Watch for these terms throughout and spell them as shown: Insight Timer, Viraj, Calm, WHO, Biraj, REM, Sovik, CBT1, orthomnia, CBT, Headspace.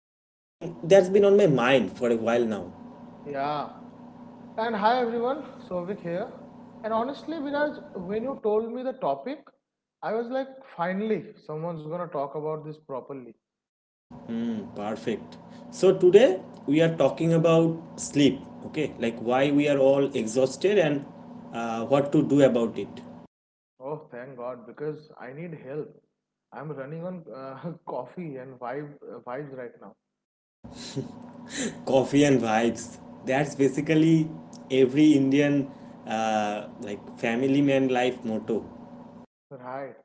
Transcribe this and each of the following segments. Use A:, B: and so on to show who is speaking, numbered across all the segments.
A: something that's been on my mind for a while now.
B: Yeah. And hi everyone, Sovik here. And honestly, Viraj, when you told me the topic, I was like, finally, someone's gonna talk about this properly.
A: Perfect. So today we are talking about sleep, okay? Like why we are all exhausted and what to do about it.
B: Oh, thank God, because I need help. I'm running on coffee and vibes right now.
A: Coffee and vibes. That's basically every Indian like family man life motto.
B: Right.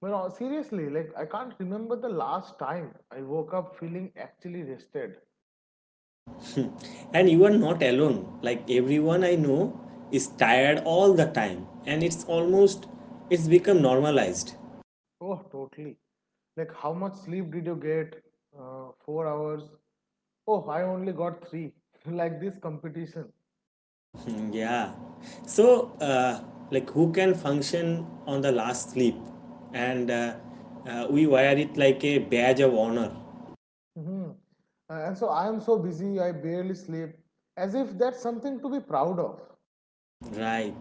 B: But seriously, like, I can't remember the last time I woke up feeling actually rested.
A: And you are not alone. Like everyone I know is tired all the time, and it's become normalized.
B: Oh, totally. Like, how much sleep did you get? 4 hours. Oh, I only got three. Like this competition.
A: Yeah. So like who can function on the last sleep, and we wear it like a badge of honor,
B: Mhm. And so I am so busy, I barely sleep. As if that's something to be proud of.
A: right?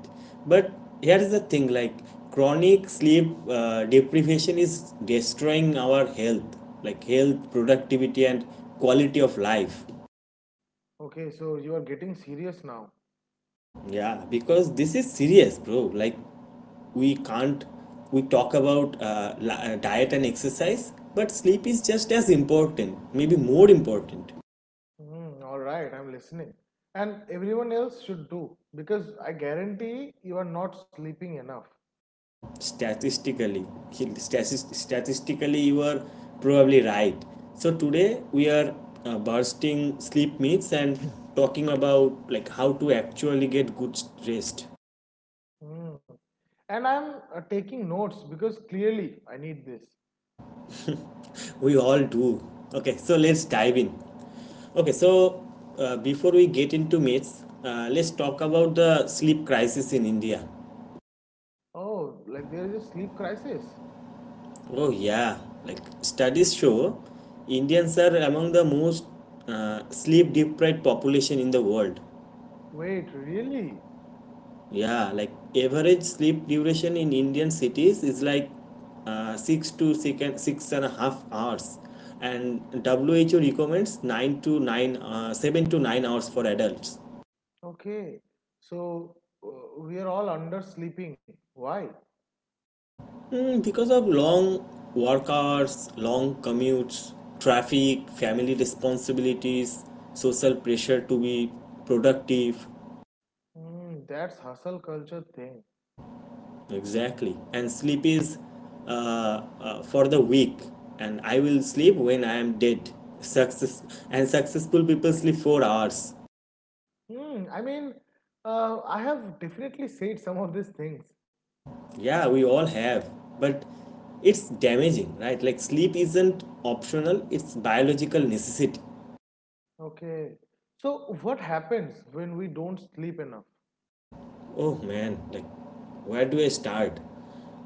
A: But here's the thing: like chronic sleep deprivation is destroying our health, like health, productivity, and quality of life.
B: Okay, so you are getting serious now.
A: Yeah, because this is serious, bro. Like, we can't, we talk about diet and exercise, but sleep is just as important, maybe more important.
B: Mhm, all right, I'm listening. And everyone else should do because I guarantee you are not sleeping enough.
A: Statistically, you are probably right. So, today we are bursting sleep myths and talking about like how to actually get good rest.
B: Mm. And I'm taking notes because clearly I need this.
A: We all do. Okay, so let's dive in. Okay, so before we get into myths, let's talk about the sleep crisis in India.
B: Oh, like there is a sleep crisis.
A: Oh, yeah, like studies show Indians are among the most sleep deprived population in the world.
B: Wait, really?
A: Yeah, like average sleep duration in Indian cities is like 6.5 hours, and WHO recommends 7 to 9 hours for adults.
B: Okay. So we are all under sleeping. Why?
A: Mm, because of long work hours, long commutes, traffic, family responsibilities, social pressure to be productive.
B: Mm, that's hustle culture thing.
A: Exactly. And sleep is for the weak. And I will sleep when I am dead. Success Successful people sleep 4 hours.
B: Hmm. I mean, I have definitely said some of these things.
A: Yeah, we all have, but it's damaging, right? Like sleep isn't optional; it's biological necessity.
B: Okay. So what happens when we don't sleep enough?
A: Oh man, like where do I start?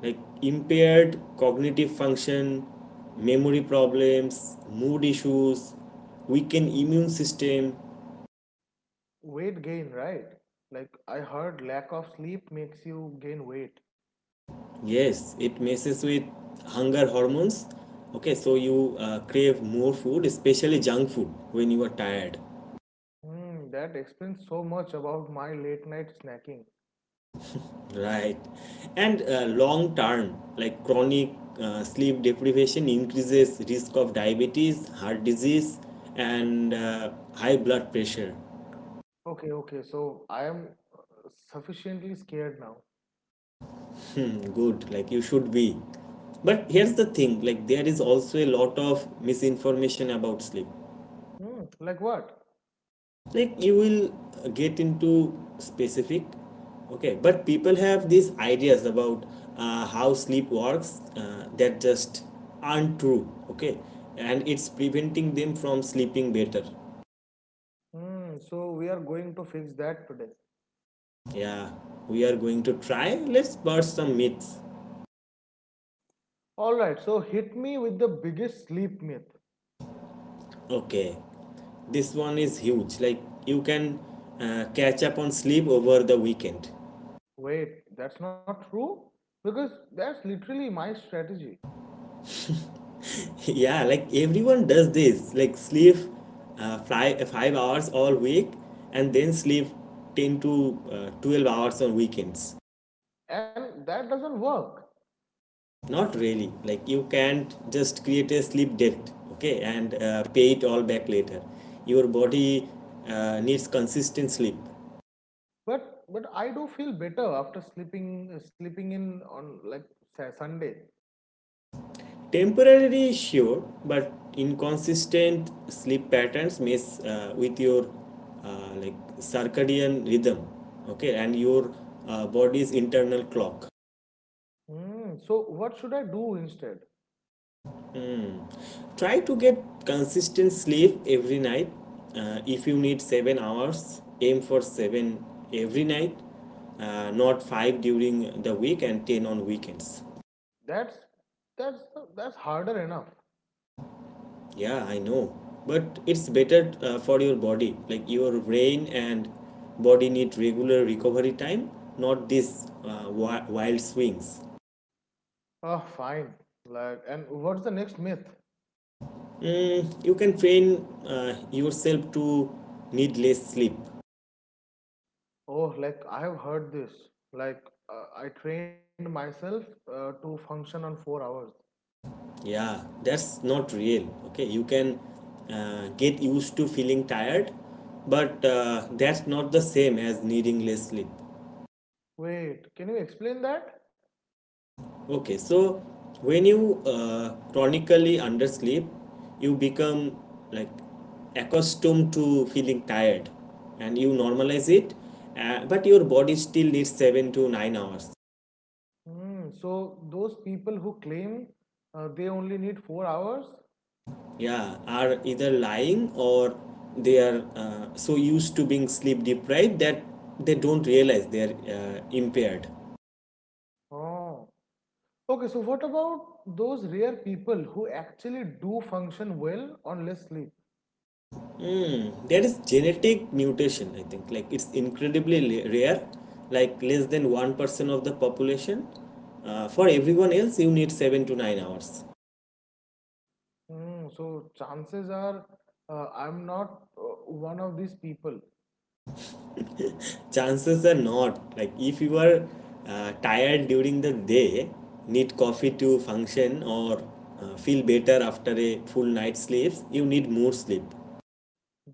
A: Like impaired cognitive function, memory problems, mood issues, weakened immune system.
B: Weight gain, right? Like I heard lack of sleep makes you gain weight.
A: Yes, it messes with hunger hormones. Okay, so you crave more food, especially junk food, when you are tired.
B: Hmm, that explains so much about my late night snacking.
A: Right. And long term, like chronic sleep deprivation increases risk of diabetes, heart disease, and high blood pressure.
B: Okay, okay. So I am uh, sufficiently scared now.
A: Hmm, good, like you should be. But here's the thing like, there is also a lot of misinformation about sleep.
B: Hmm, like what?
A: Like, you will get into specific, okay, but people have these ideas about how sleep works that just aren't true, okay, and it's preventing them from sleeping better.
B: Hmm, so we are going to fix that today.
A: Yeah, we are going to try, let's burst some myths.
B: All right, so hit me with the biggest sleep myth.
A: Okay, this one is huge. Like you can catch up on sleep over the weekend.
B: Wait, that's not true? Because that's literally my strategy,
A: Yeah, like everyone does this. Like sleep five hours all week, and then sleep ten to 12 hours on weekends.
B: and that doesn't work.
A: Not really. Like you can't just create a sleep debt. Okay, and pay it all back later. Your body needs consistent sleep.
B: But I do feel better after sleeping sleeping in on like Sunday.
A: Temporarily, sure, but inconsistent sleep patterns mess with your like circadian rhythm, okay, and your body's internal clock.
B: Hmm, so what should I do instead?
A: Hmm. Try to get consistent sleep every night. If you need 7 hours, aim for seven every night, not five during the week and ten on weekends.
B: That's that's that's harder enough.
A: Yeah, I know. But it's better for your body. Like your brain and body need regular recovery time, not these wild swings.
B: Oh, fine. Like, and what's the next myth?
A: Mm, you can train yourself to need less sleep.
B: Oh, like I have heard this. Like, I trained myself to function on 4 hours.
A: Yeah, that's not real. Okay, you can get used to feeling tired, but that's not the same as needing less sleep.
B: Wait, can you explain that?
A: Okay, so when you chronically undersleep, you become like accustomed to feeling tired and you normalize it, but your body still needs 7 to 9 hours.
B: Hmm. So those people who claim they only need 4 hours?
A: Yeah, are either lying or they are so used to being sleep deprived that they don't realize they're impaired.
B: Oh. Okay. So what about those rare people who actually do function well on less sleep?
A: Mm, there is genetic mutation, I think. Like it's incredibly rare, like less than 1% of the population. For everyone else, you need 7 to 9 hours.
B: Hmm. So chances are, I'm not one of these people.
A: Chances are not. Like if you are tired during the day, need coffee to function, or feel better after a full night's sleep, you need more sleep.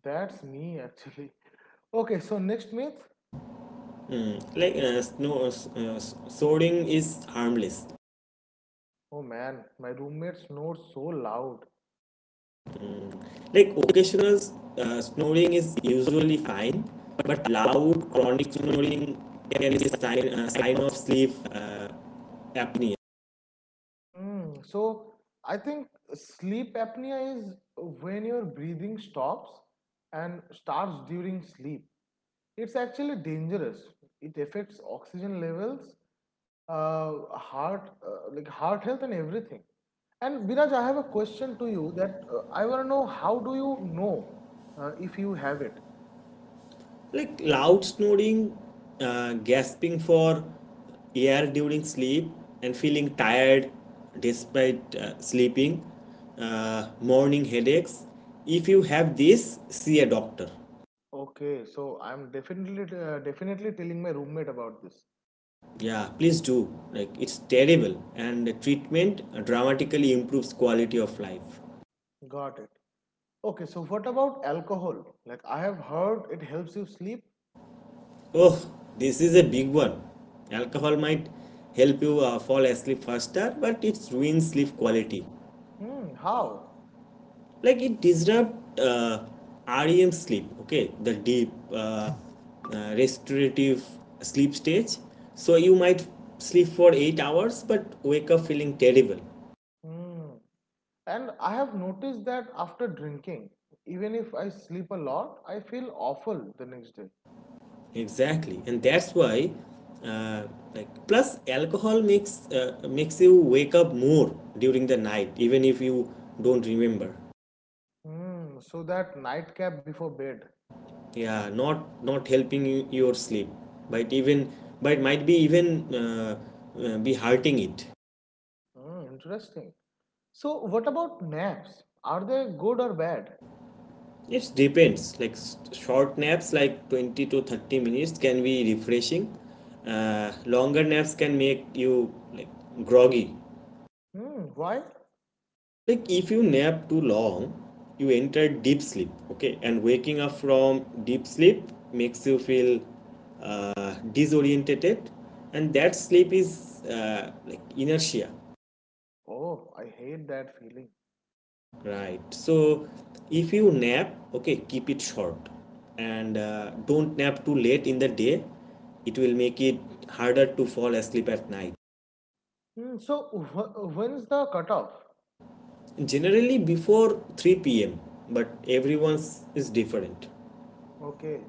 B: That's me actually. Okay, so next myth.
A: Mm, like uh, soaring is harmless.
B: Oh man, my roommate snores so loud.
A: Like occasional snoring is usually fine, but loud chronic snoring can be a sign of sleep apnea.
B: Hmm, so I think sleep apnea is when your breathing stops and starts during sleep. It's actually dangerous. It affects oxygen levels, like heart health and everything. And Biraj, I have a question to you that I want to know how do you know if you have it?
A: Like loud snoring, gasping for air during sleep, and feeling tired despite sleeping, morning headaches. If you have this, see a doctor.
B: Okay, so I'm definitely telling my roommate about this.
A: Yeah, please do. Like it's terrible, and the treatment dramatically improves quality of life.
B: Got it. Okay, so what about alcohol? Like I have heard it helps you sleep.
A: Oh, this is a big one. Alcohol might help you fall asleep faster, but it ruins sleep quality.
B: Hmm, how?
A: Like it disrupts REM sleep, okay, the deep restorative sleep stage. So you might sleep for 8 hours but wake up feeling terrible.
B: Hmm. And I have noticed that after drinking, even if I sleep a lot, I feel awful the next day.
A: Exactly. And that's why uh, like plus alcohol makes you wake up more during the night even if you don't remember.
B: Hmm, so that nightcap before bed.
A: Yeah, not not helping you, your sleep, but even but might be even be hurting it.
B: Hmm, interesting. So what about naps? Are they good or bad?
A: It depends like short naps like 20 to 30 minutes can be refreshing, longer naps can make you like groggy.
B: Hmm, why?
A: Like if you nap too long you enter deep sleep, okay, and waking up from deep sleep makes you feel disoriented, and that sleep is like inertia.
B: Oh, I hate that feeling.
A: Right. So if you nap, okay, keep it short and don't nap too late in the day. It will make it harder to fall asleep at night.
B: Mm, so when's the cutoff?
A: Generally before 3 p.m., but everyone's is different.
B: Okay.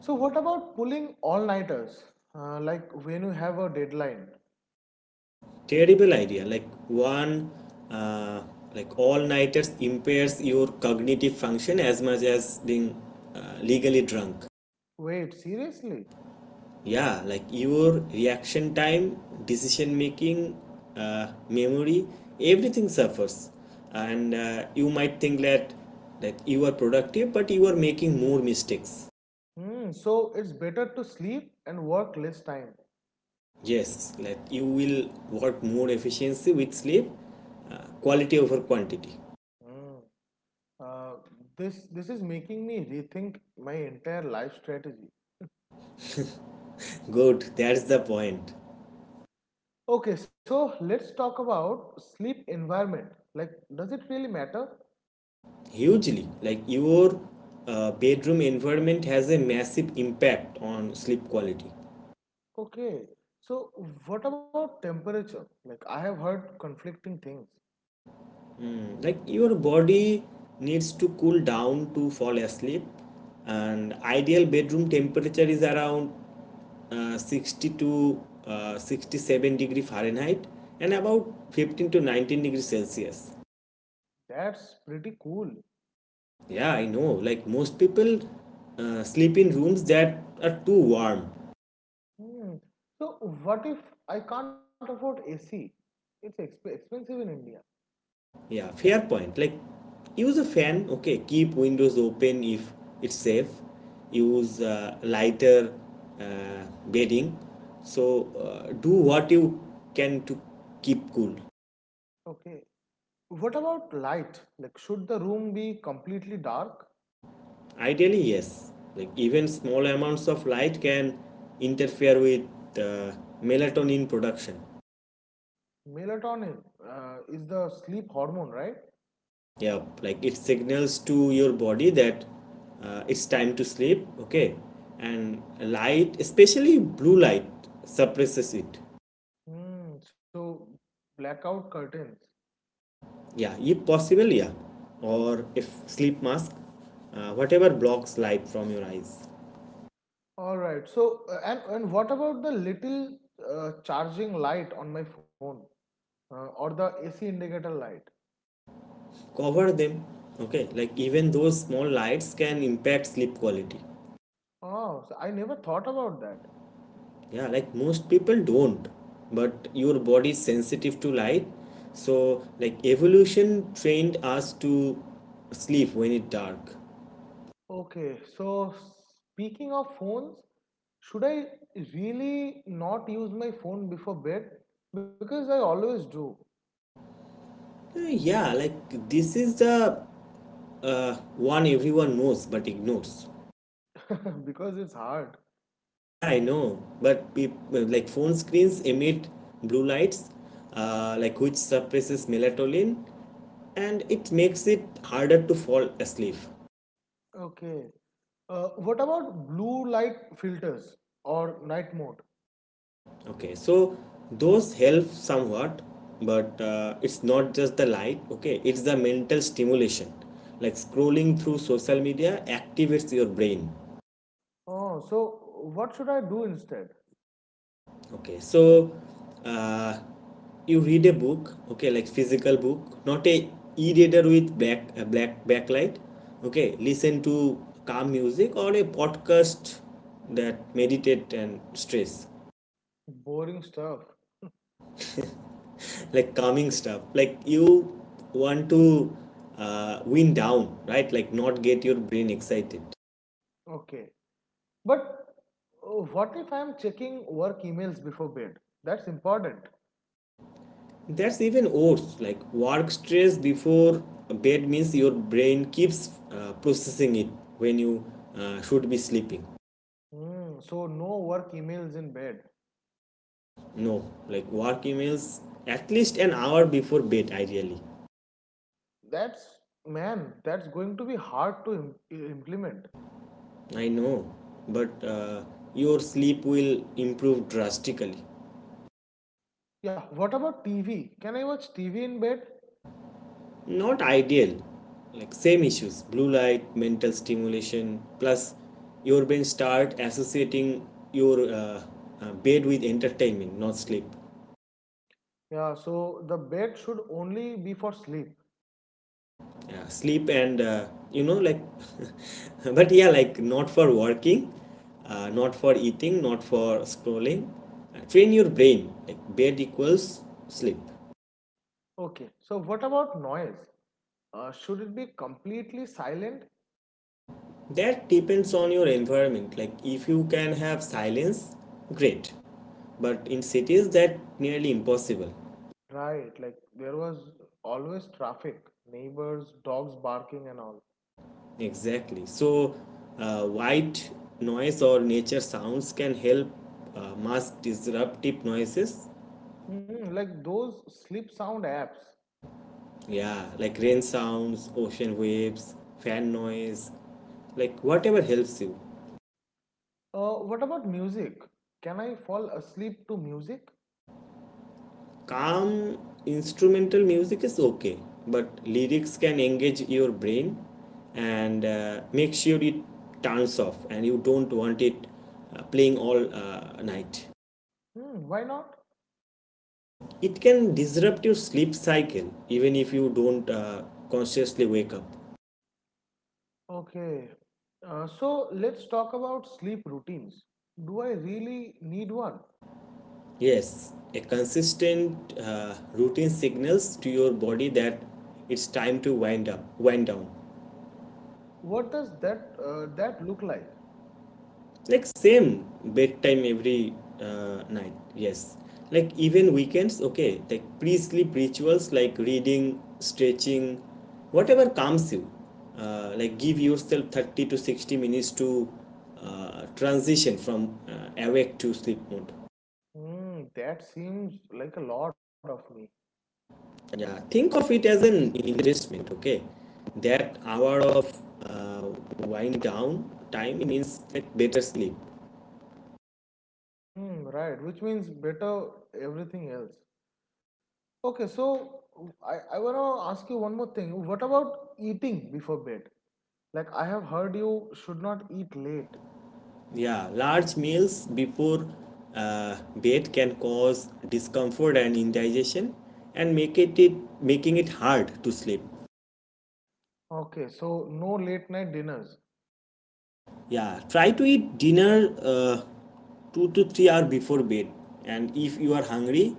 B: So what about pulling all-nighters? Like when you have a deadline?
A: Terrible idea. Like one, uh, like all nighters impairs your cognitive function as much as being legally drunk.
B: Wait, seriously?
A: Yeah, like your reaction time, decision making, memory, everything suffers. And you might think that you are productive but you are making more mistakes.
B: Mm, so it's better to sleep and work less time.
A: Yes, like you will work more efficiency with sleep, quality over quantity.
B: Mm. Uh, this is making me rethink my entire life strategy.
A: Good, that's the point.
B: Okay, so let's talk about sleep environment. Like, does it really matter?
A: Hugely, like your bedroom environment has a massive impact on sleep quality.
B: Okay. So what about temperature? Like I have heard conflicting things.
A: Mm, like your body needs to cool down to fall asleep, and ideal bedroom temperature is around 60 to uh, 67-degree Fahrenheit, and about 15 to 19 degrees Celsius.
B: That's pretty cool.
A: Yeah, I know. Like most people sleep in rooms that are too warm.
B: Hmm. So, what if I can't afford AC? It's expensive in India.
A: Yeah, fair point. Like, use a fan. Okay, keep windows open if it's safe. Use lighter bedding. So do what you can to keep cool.
B: Okay. What about light? Like, should the room be completely dark?
A: Ideally, yes. Like even small amounts of light can interfere with uh, melatonin production.
B: Melatonin is the sleep hormone, right?
A: Yeah, like it signals to your body that it's time to sleep. Okay, and light, especially blue light, suppresses it.
B: Hmm. So, blackout curtains.
A: Yeah, if possible, yeah. Or if sleep mask, whatever blocks light from your eyes,
B: All right. So, and what about the little charging light on my phone or the AC indicator light?
A: cover them. Okay, like even those small lights can impact sleep quality.
B: Oh, so I never thought about that.
A: Yeah, like most people don't, but your body is sensitive to light. So, like evolution trained us to sleep when it's dark.
B: Okay, so speaking of phones, should I really not use my phone before bed? Because I always do,
A: Yeah, like this is the one everyone knows but ignores.
B: because it's hard.
A: Yeah, I know, but peop like phone screens emit blue lights, like which suppresses melatonin, and it makes it harder to fall asleep.
B: Okay. What about blue light filters or night mode?
A: Okay, so those help somewhat, but it's not just the light. Okay, it's the mental stimulation. Like scrolling through social media activates your brain.
B: Oh, so what should I do instead?
A: Okay, so uh, you read a book, okay, like physical book, not a e-reader with black backlight. Okay, listen to calm music or a podcast, that meditate and stress,
B: Boring stuff.
A: like calming stuff. Like you want to wind down, right? Like not get your brain excited.
B: Okay. But what if I'm checking work emails before bed? That's important.
A: That's even worse. Like work stress before bed means your brain keeps processing it when you should be sleeping.
B: Hmm, so no work emails in bed.
A: No, like work emails at least an hour before bed, ideally.
B: That's Man, that's going to be hard to implement.
A: I know, but your sleep will improve drastically.
B: Yeah, what about TV? Can I watch TV in bed?
A: Not ideal, like same issues: blue light, mental stimulation, plus your brain start associating your bed with entertainment, not sleep.
B: Yeah, so the bed should only be for sleep.
A: Yeah, sleep and you know, like but yeah, like not for working, not for eating, not for scrolling. Train your brain like bed equals sleep.
B: Okay, so what about noise? Should it be completely silent?
A: That depends on your environment. Like if you can have silence, great, but in cities that nearly impossible.
B: Right, like there was always traffic, neighbors, dogs barking, and all.
A: Exactly, so white noise or nature sounds can help mask disruptive noises.
B: Hmm, like those sleep sound apps.
A: Yeah, like rain sounds, ocean waves, fan noise, like whatever helps you.
B: What about music? Can I fall asleep to music?
A: Calm instrumental music is okay, but lyrics can engage your brain, and make sure it turns off and you don't want it playing all night.
B: Hmm, why not?
A: Like it can disrupt your sleep cycle even if you don't consciously wake up.
B: Okay. So let's talk about sleep routines. Do I really need one?
A: Yes, a consistent routine signals to your body that it's time to wind down.
B: What does that look like?
A: Like same bedtime every night. Yes, like even weekends. Okay, like pre-sleep rituals like reading, stretching, whatever calms you. Like give yourself 30 to 60 minutes to transition from awake to sleep mode.
B: Hmm, that seems like a lot of me.
A: Yeah, think of it as an investment, okay? That hour of uh, wind down time means that better sleep.
B: Hmm, right, which means better everything else. Okay, so I wanna ask you one more thing. What about eating before bed? Like I have heard you should not eat late.
A: Yeah, large meals before bed can cause discomfort and indigestion and make it, it making it hard to sleep.
B: Okay, so no late night dinners.
A: Yeah, try to eat dinner 2 to 3 hours before bed, and if you are hungry,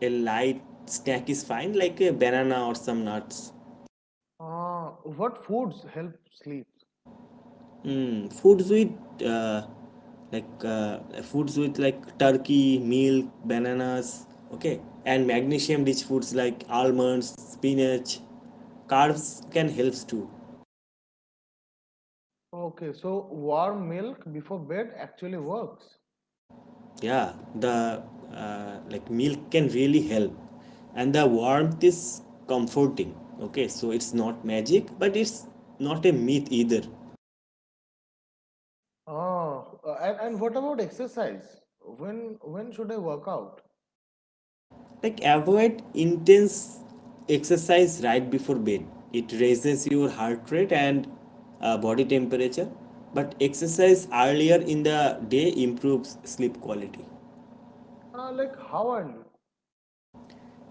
A: a light snack is fine, like a banana or some nuts.
B: Ah, what foods help sleep?
A: Mm, uh, foods with like turkey, milk, bananas, okay, and magnesium-rich foods like almonds, spinach, carbs can help too.
B: Okay, so warm milk before bed actually works.
A: Yeah, the like milk can really help, and the warmth is comforting. Okay, so it's not magic, but it's not a myth either.
B: Ah, and what about exercise? When should I work out?
A: Like avoid intense exercise right before bed. It raises your heart rate and body temperature. But exercise earlier in the day improves sleep quality.
B: Ah, like how early?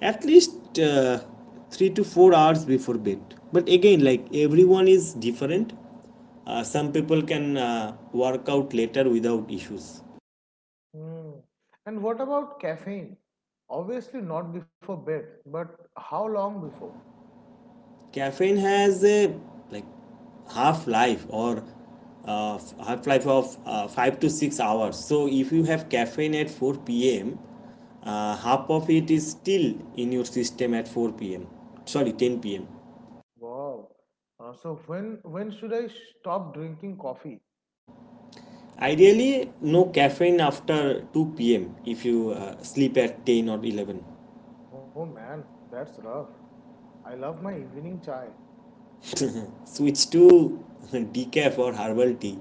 A: At least 3 to 4 hours before bed. But again, like everyone is different. Some people can work out later without issues.
B: Hmm. And what about caffeine? Obviously not before bed, but how long before?
A: Caffeine has a like half life or uh, half life of 5 to 6 hours, so if you have caffeine at 4 p.m., half of it is still in your system at 4 p.m., sorry, 10 p.m.
B: Wow. So when should I stop drinking coffee?
A: Ideally no caffeine after 2 p.m. if you sleep at 10 or 11.
B: Oh man, that's rough. I love my evening chai,
A: Switch to decaf or herbal tea.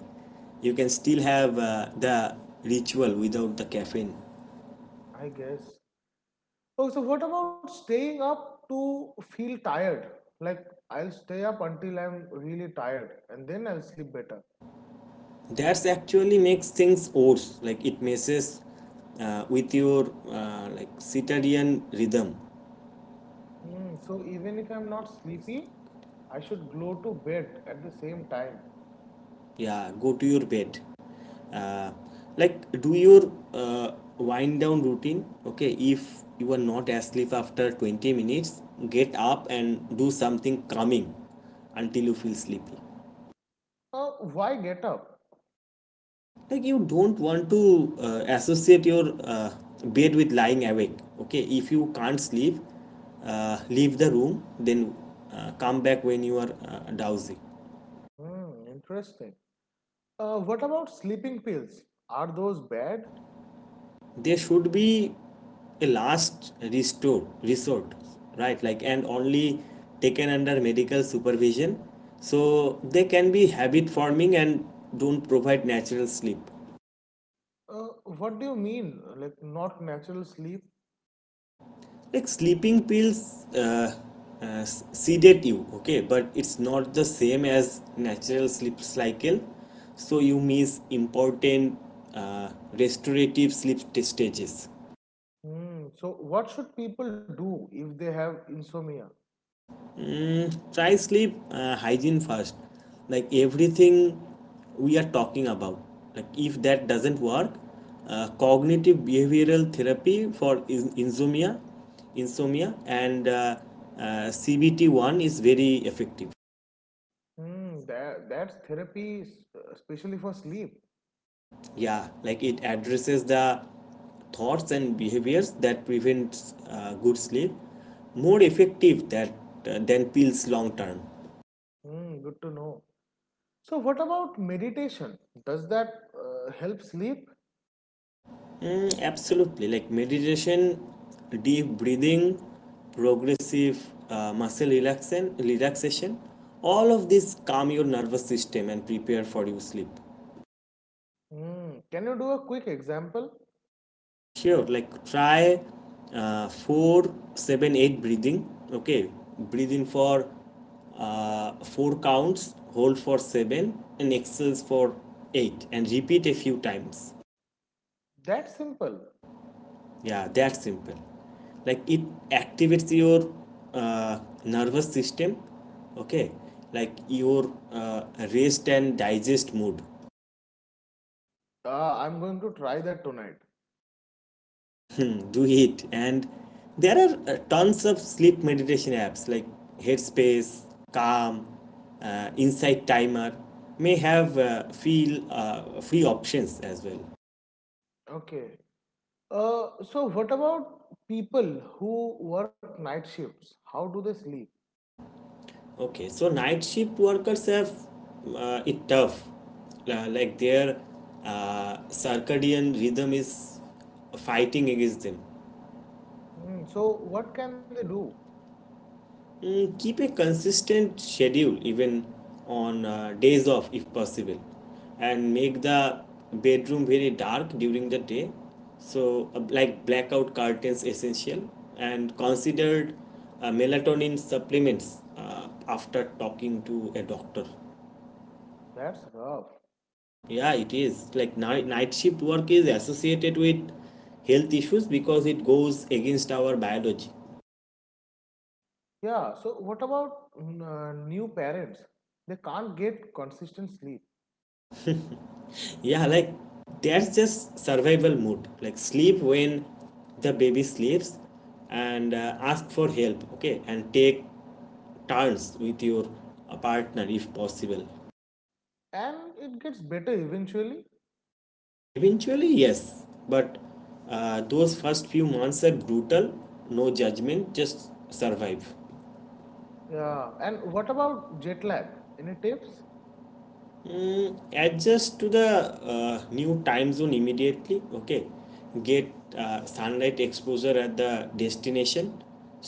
A: You can still have the ritual without the caffeine.
B: I guess. Oh, so what about staying up to feel tired? Like I'll stay up until I'm really tired and then I'll sleep better.
A: That's actually makes things worse, like it messes with your like circadian rhythm.
B: Hmm, so even if I'm not sleepy, I should go to bed at the same time.
A: Yeah, go to your bed, uh, like do your wind down routine, okay? If you are not asleep after 20 minutes, get up and do something calming until you feel sleepy.
B: Uh, why get up?
A: Like you don't want to associate your bed with lying awake. Okay, if you can't sleep, leave the room, then come back when you are drowsy.
B: Hmm, interesting. What about sleeping pills? Are those bad?
A: There should be a last restore resort, right? Like and only taken under medical supervision, so they can be habit forming and don't provide natural sleep.
B: Uh, what do you mean? Like not natural sleep?
A: Like sleeping pills uh, sedate you, okay, but it's not the same as natural sleep cycle. So you miss important restorative sleep stages.
B: Hmm, so what should people do if they have insomnia?
A: Try sleep hygiene first. Like everything we are talking about. Like if that doesn't work, cognitive behavioral therapy for insomnia, and CBT one is very effective.
B: Mm, that that's therapy, especially for sleep.
A: Yeah, like it addresses the thoughts and behaviors that prevents good sleep, more effective that than pills long term.
B: Mm, good to know. So, what about meditation? Does that help sleep?
A: Mm, absolutely, like meditation, deep breathing, progressive muscle relaxation, all of this calm your nervous system and prepare for your sleep.
B: Mm, can you do a quick example?
A: Sure, like try four, seven, eight breathing. Okay, breathe in for four counts, hold for seven, and exhale for eight, and repeat a few times.
B: That simple.
A: Yeah, that's simple. Like it activates your uh, nervous system. Okay, like your rest and digest mood.
B: Ah, I'm going to try that tonight.
A: Hmm, do it. And there are tons of sleep meditation apps like Headspace, Calm, Insight Timer, may have free options as well.
B: Okay. So what about people who work night shifts? How do they sleep?
A: Okay, so night shift workers have it tough. Like their circadian rhythm is fighting against them.
B: Mm, so what can they do?
A: Mm, keep a consistent schedule even on days off if possible, and make the bedroom very dark during the day, so like blackout curtains essential, and considered melatonin supplements after talking to a doctor.
B: That's rough.
A: Yeah, it is. Like night, night shift work is associated with health issues because it goes against our biology.
B: Yeah. So what about new parents? They can't get consistent sleep.
A: Yeah, like that's just survival mode. Like sleep when the baby sleeps, and ask for help, okay? And take turns with your partner if possible.
B: And it gets better eventually.
A: Eventually, yes, but those first few months are brutal, no judgment, just survive.
B: Yeah. And what about jet lag? Any tips?
A: Adjust to the new time zone immediately, okay? Get sunlight exposure at the destination,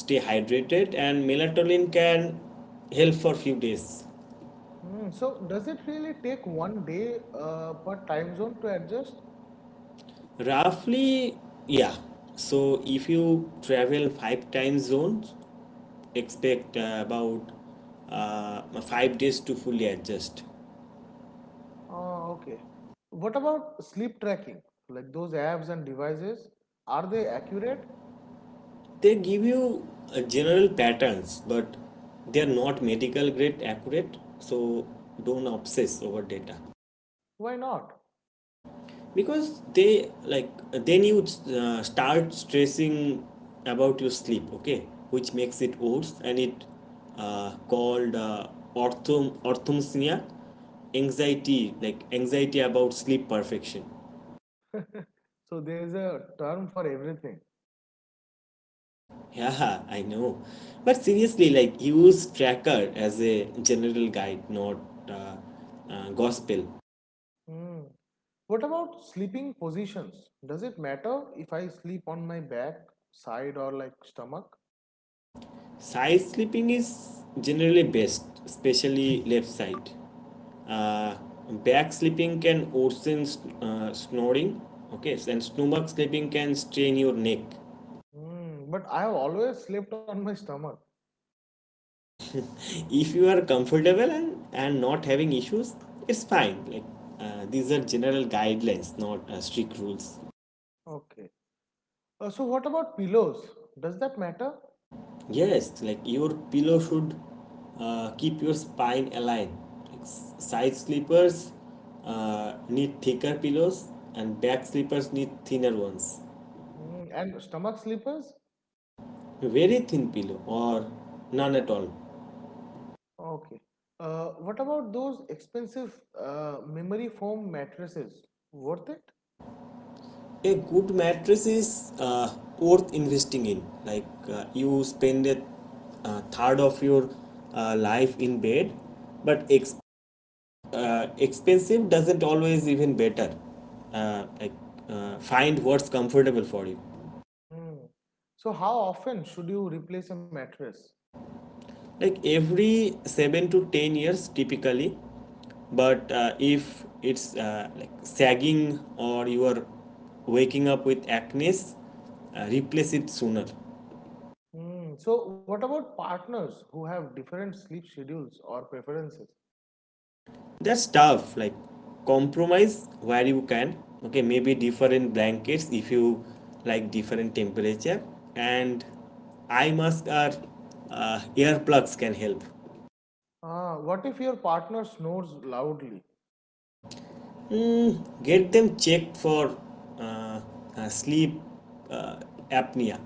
A: stay hydrated, and melatonin can help for few days.
B: Hmm. So does it really take one day per time zone to adjust?
A: Roughly, yeah. So if you travel 5 time zones, expect about 5 days to fully adjust.
B: Okay. What about sleep tracking? Like those apps and devices, are they accurate?
A: They give you general patterns, but they are not medical grade accurate, so don't obsess over data.
B: Why not?
A: Because they, like then you start stressing about your sleep, okay, which makes it worse, and it called orthomsnia, anxiety, like anxiety about sleep perfection.
B: So there is a term for everything.
A: Yeah, I know. But seriously, like use tracker as a general guide, not uh, gospel.
B: Hmm. What about sleeping positions? Does it matter if I sleep on my back, side, or like stomach?
A: Side sleeping is generally best, especially left side. Uh, Back sleeping can worsen snoring. Okay, and stomach sleeping can strain your neck.
B: Mm, but I have always slept on my stomach.
A: If you are comfortable and not having issues, it's fine. Like these are general guidelines, not strict rules.
B: Okay. So what about pillows? Does that matter?
A: Yes, like your pillow should keep your spine aligned. Like side sleepers need thicker pillows, and back sleepers need thinner ones.
B: Mm, and stomach sleepers?
A: A very thin pillow or none at all.
B: Okay. What about those expensive memory foam mattresses? Worth it?
A: A good mattress is worth investing in. Like you spend a third of your life in bed, but expensive doesn't always even better, uh, like find what's comfortable for you.
B: Mm. So how often should you replace a mattress?
A: Like every 7 to 10 years typically, but if it's like sagging or you are waking up with acne, replace it sooner.
B: Mm. So what about partners who have different sleep schedules or preferences?
A: That's tough. Like compromise where you can. Okay, maybe different blankets if you like different temperature, and eye mask or earplugs can help.
B: Ah, what if your partner snores loudly?
A: Mm, get them checked for uh, sleep uh, apnea.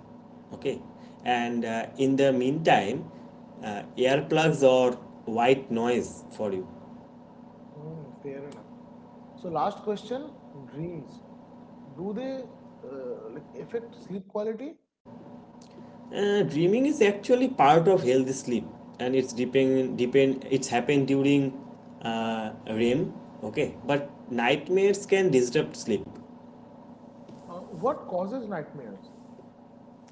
A: Okay, and in the meantime, earplugs or white noise for you.
B: Mm, fair enough. So last question, dreams. Do they like affect sleep quality?
A: Dreaming is actually part of healthy sleep, and it's depend depend it's happened during REM. Okay, but nightmares can disrupt sleep.
B: What causes nightmares?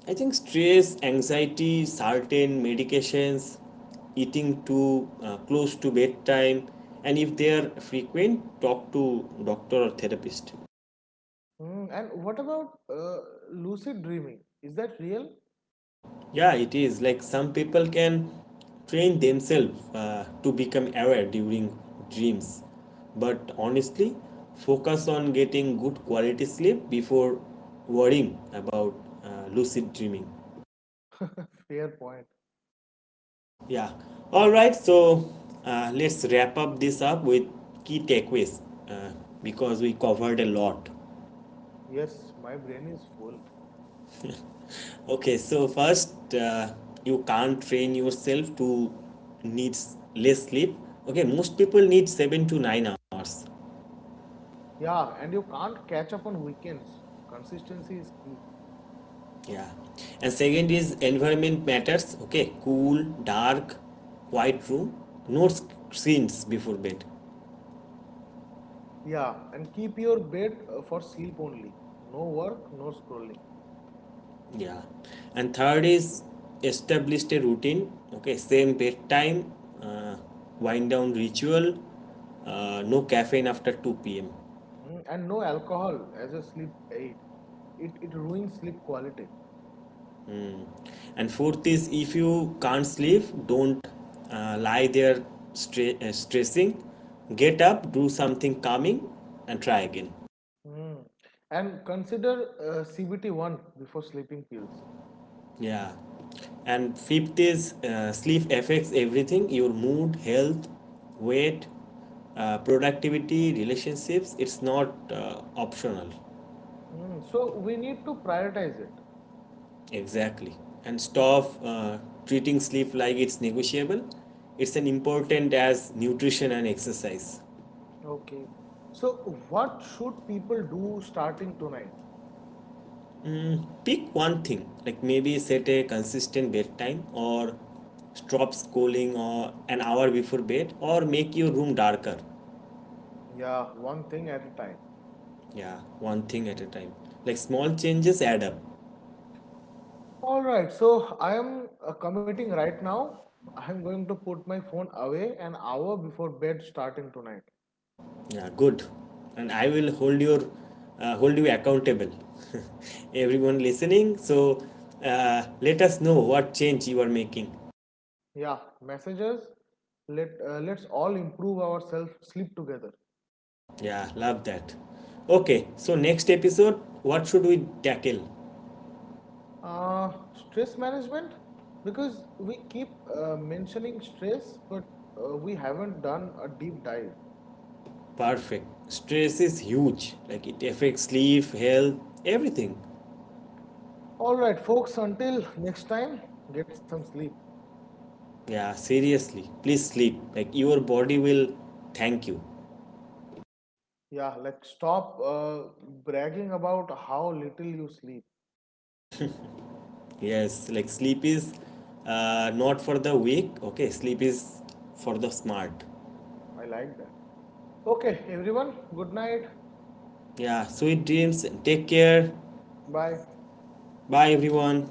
A: I think stress, anxiety, certain medications, eating too close to bedtime, and if they are frequent, talk to doctor or therapist.
B: Hmm, and what about lucid dreaming? Is that real?
A: Yeah, it is. Like some people can train themselves to become aware during dreams. But honestly, focus on getting good quality sleep before worrying about lucid dreaming.
B: Fair point.
A: Yeah. All right, so let's wrap up this up with key takeaways uh, because we covered a lot.
B: Yes, my brain is full.
A: Okay, so first, you can't train yourself to need less sleep. Okay, most people need 7 to 9 hours.
B: Yeah, and you can't catch up on weekends. Consistency is key.
A: Yeah. And second is environment matters. Okay, cool, dark, quiet room, no screens before bed.
B: Yeah, and keep your bed for sleep only. No work, no scrolling.
A: Yeah. And third is established a routine. Okay, same bedtime, uh, wind down ritual, no caffeine after 2 p.m.
B: Hmm, and no alcohol as a sleep aid. It ruins sleep quality.
A: And fourth is if you can't sleep, don't lie there stressing. Get up, do something calming, and try again.
B: Hmm. And consider CBT1 before sleeping pills.
A: Yeah. And fifth is sleep affects everything, your mood, health, weight, productivity, relationships. It's not optional.
B: Hmm, so we need to prioritize it.
A: Exactly. And stop treating sleep like it's negotiable. It's as important as nutrition and exercise.
B: Okay. So, what should people do starting tonight?
A: Pick one thing, like maybe set a consistent bedtime or stop scrolling or an hour before bed or make your room darker.
B: Yeah, one thing at a time.
A: Yeah, one thing at a time. Like small changes add up.
B: All right. So, I am committing right now. I am going to put my phone away an hour before bed starting tonight.
A: Yeah, good. And I will hold your hold you accountable. Everyone listening, so let us know what change you are making.
B: Yeah, messages. Let's all improve ourselves, sleep together.
A: Yeah, love that. Okay, so next episode, what should we tackle?
B: Stress management because we keep mentioning stress, but we haven't done a deep dive.
A: Perfect. Stress is huge. Like it affects sleep, health, everything.
B: All right, folks. Until next time, get some sleep.
A: Yeah, seriously. Please sleep. Like your body will thank you.
B: Yeah, like stop bragging about how little you sleep.
A: Yes, like sleep is not for the weak. Okay, sleep is for the smart.
B: I like that. Okay, everyone, good night.
A: Yeah, sweet dreams. Take care.
B: Bye.
A: Bye, everyone.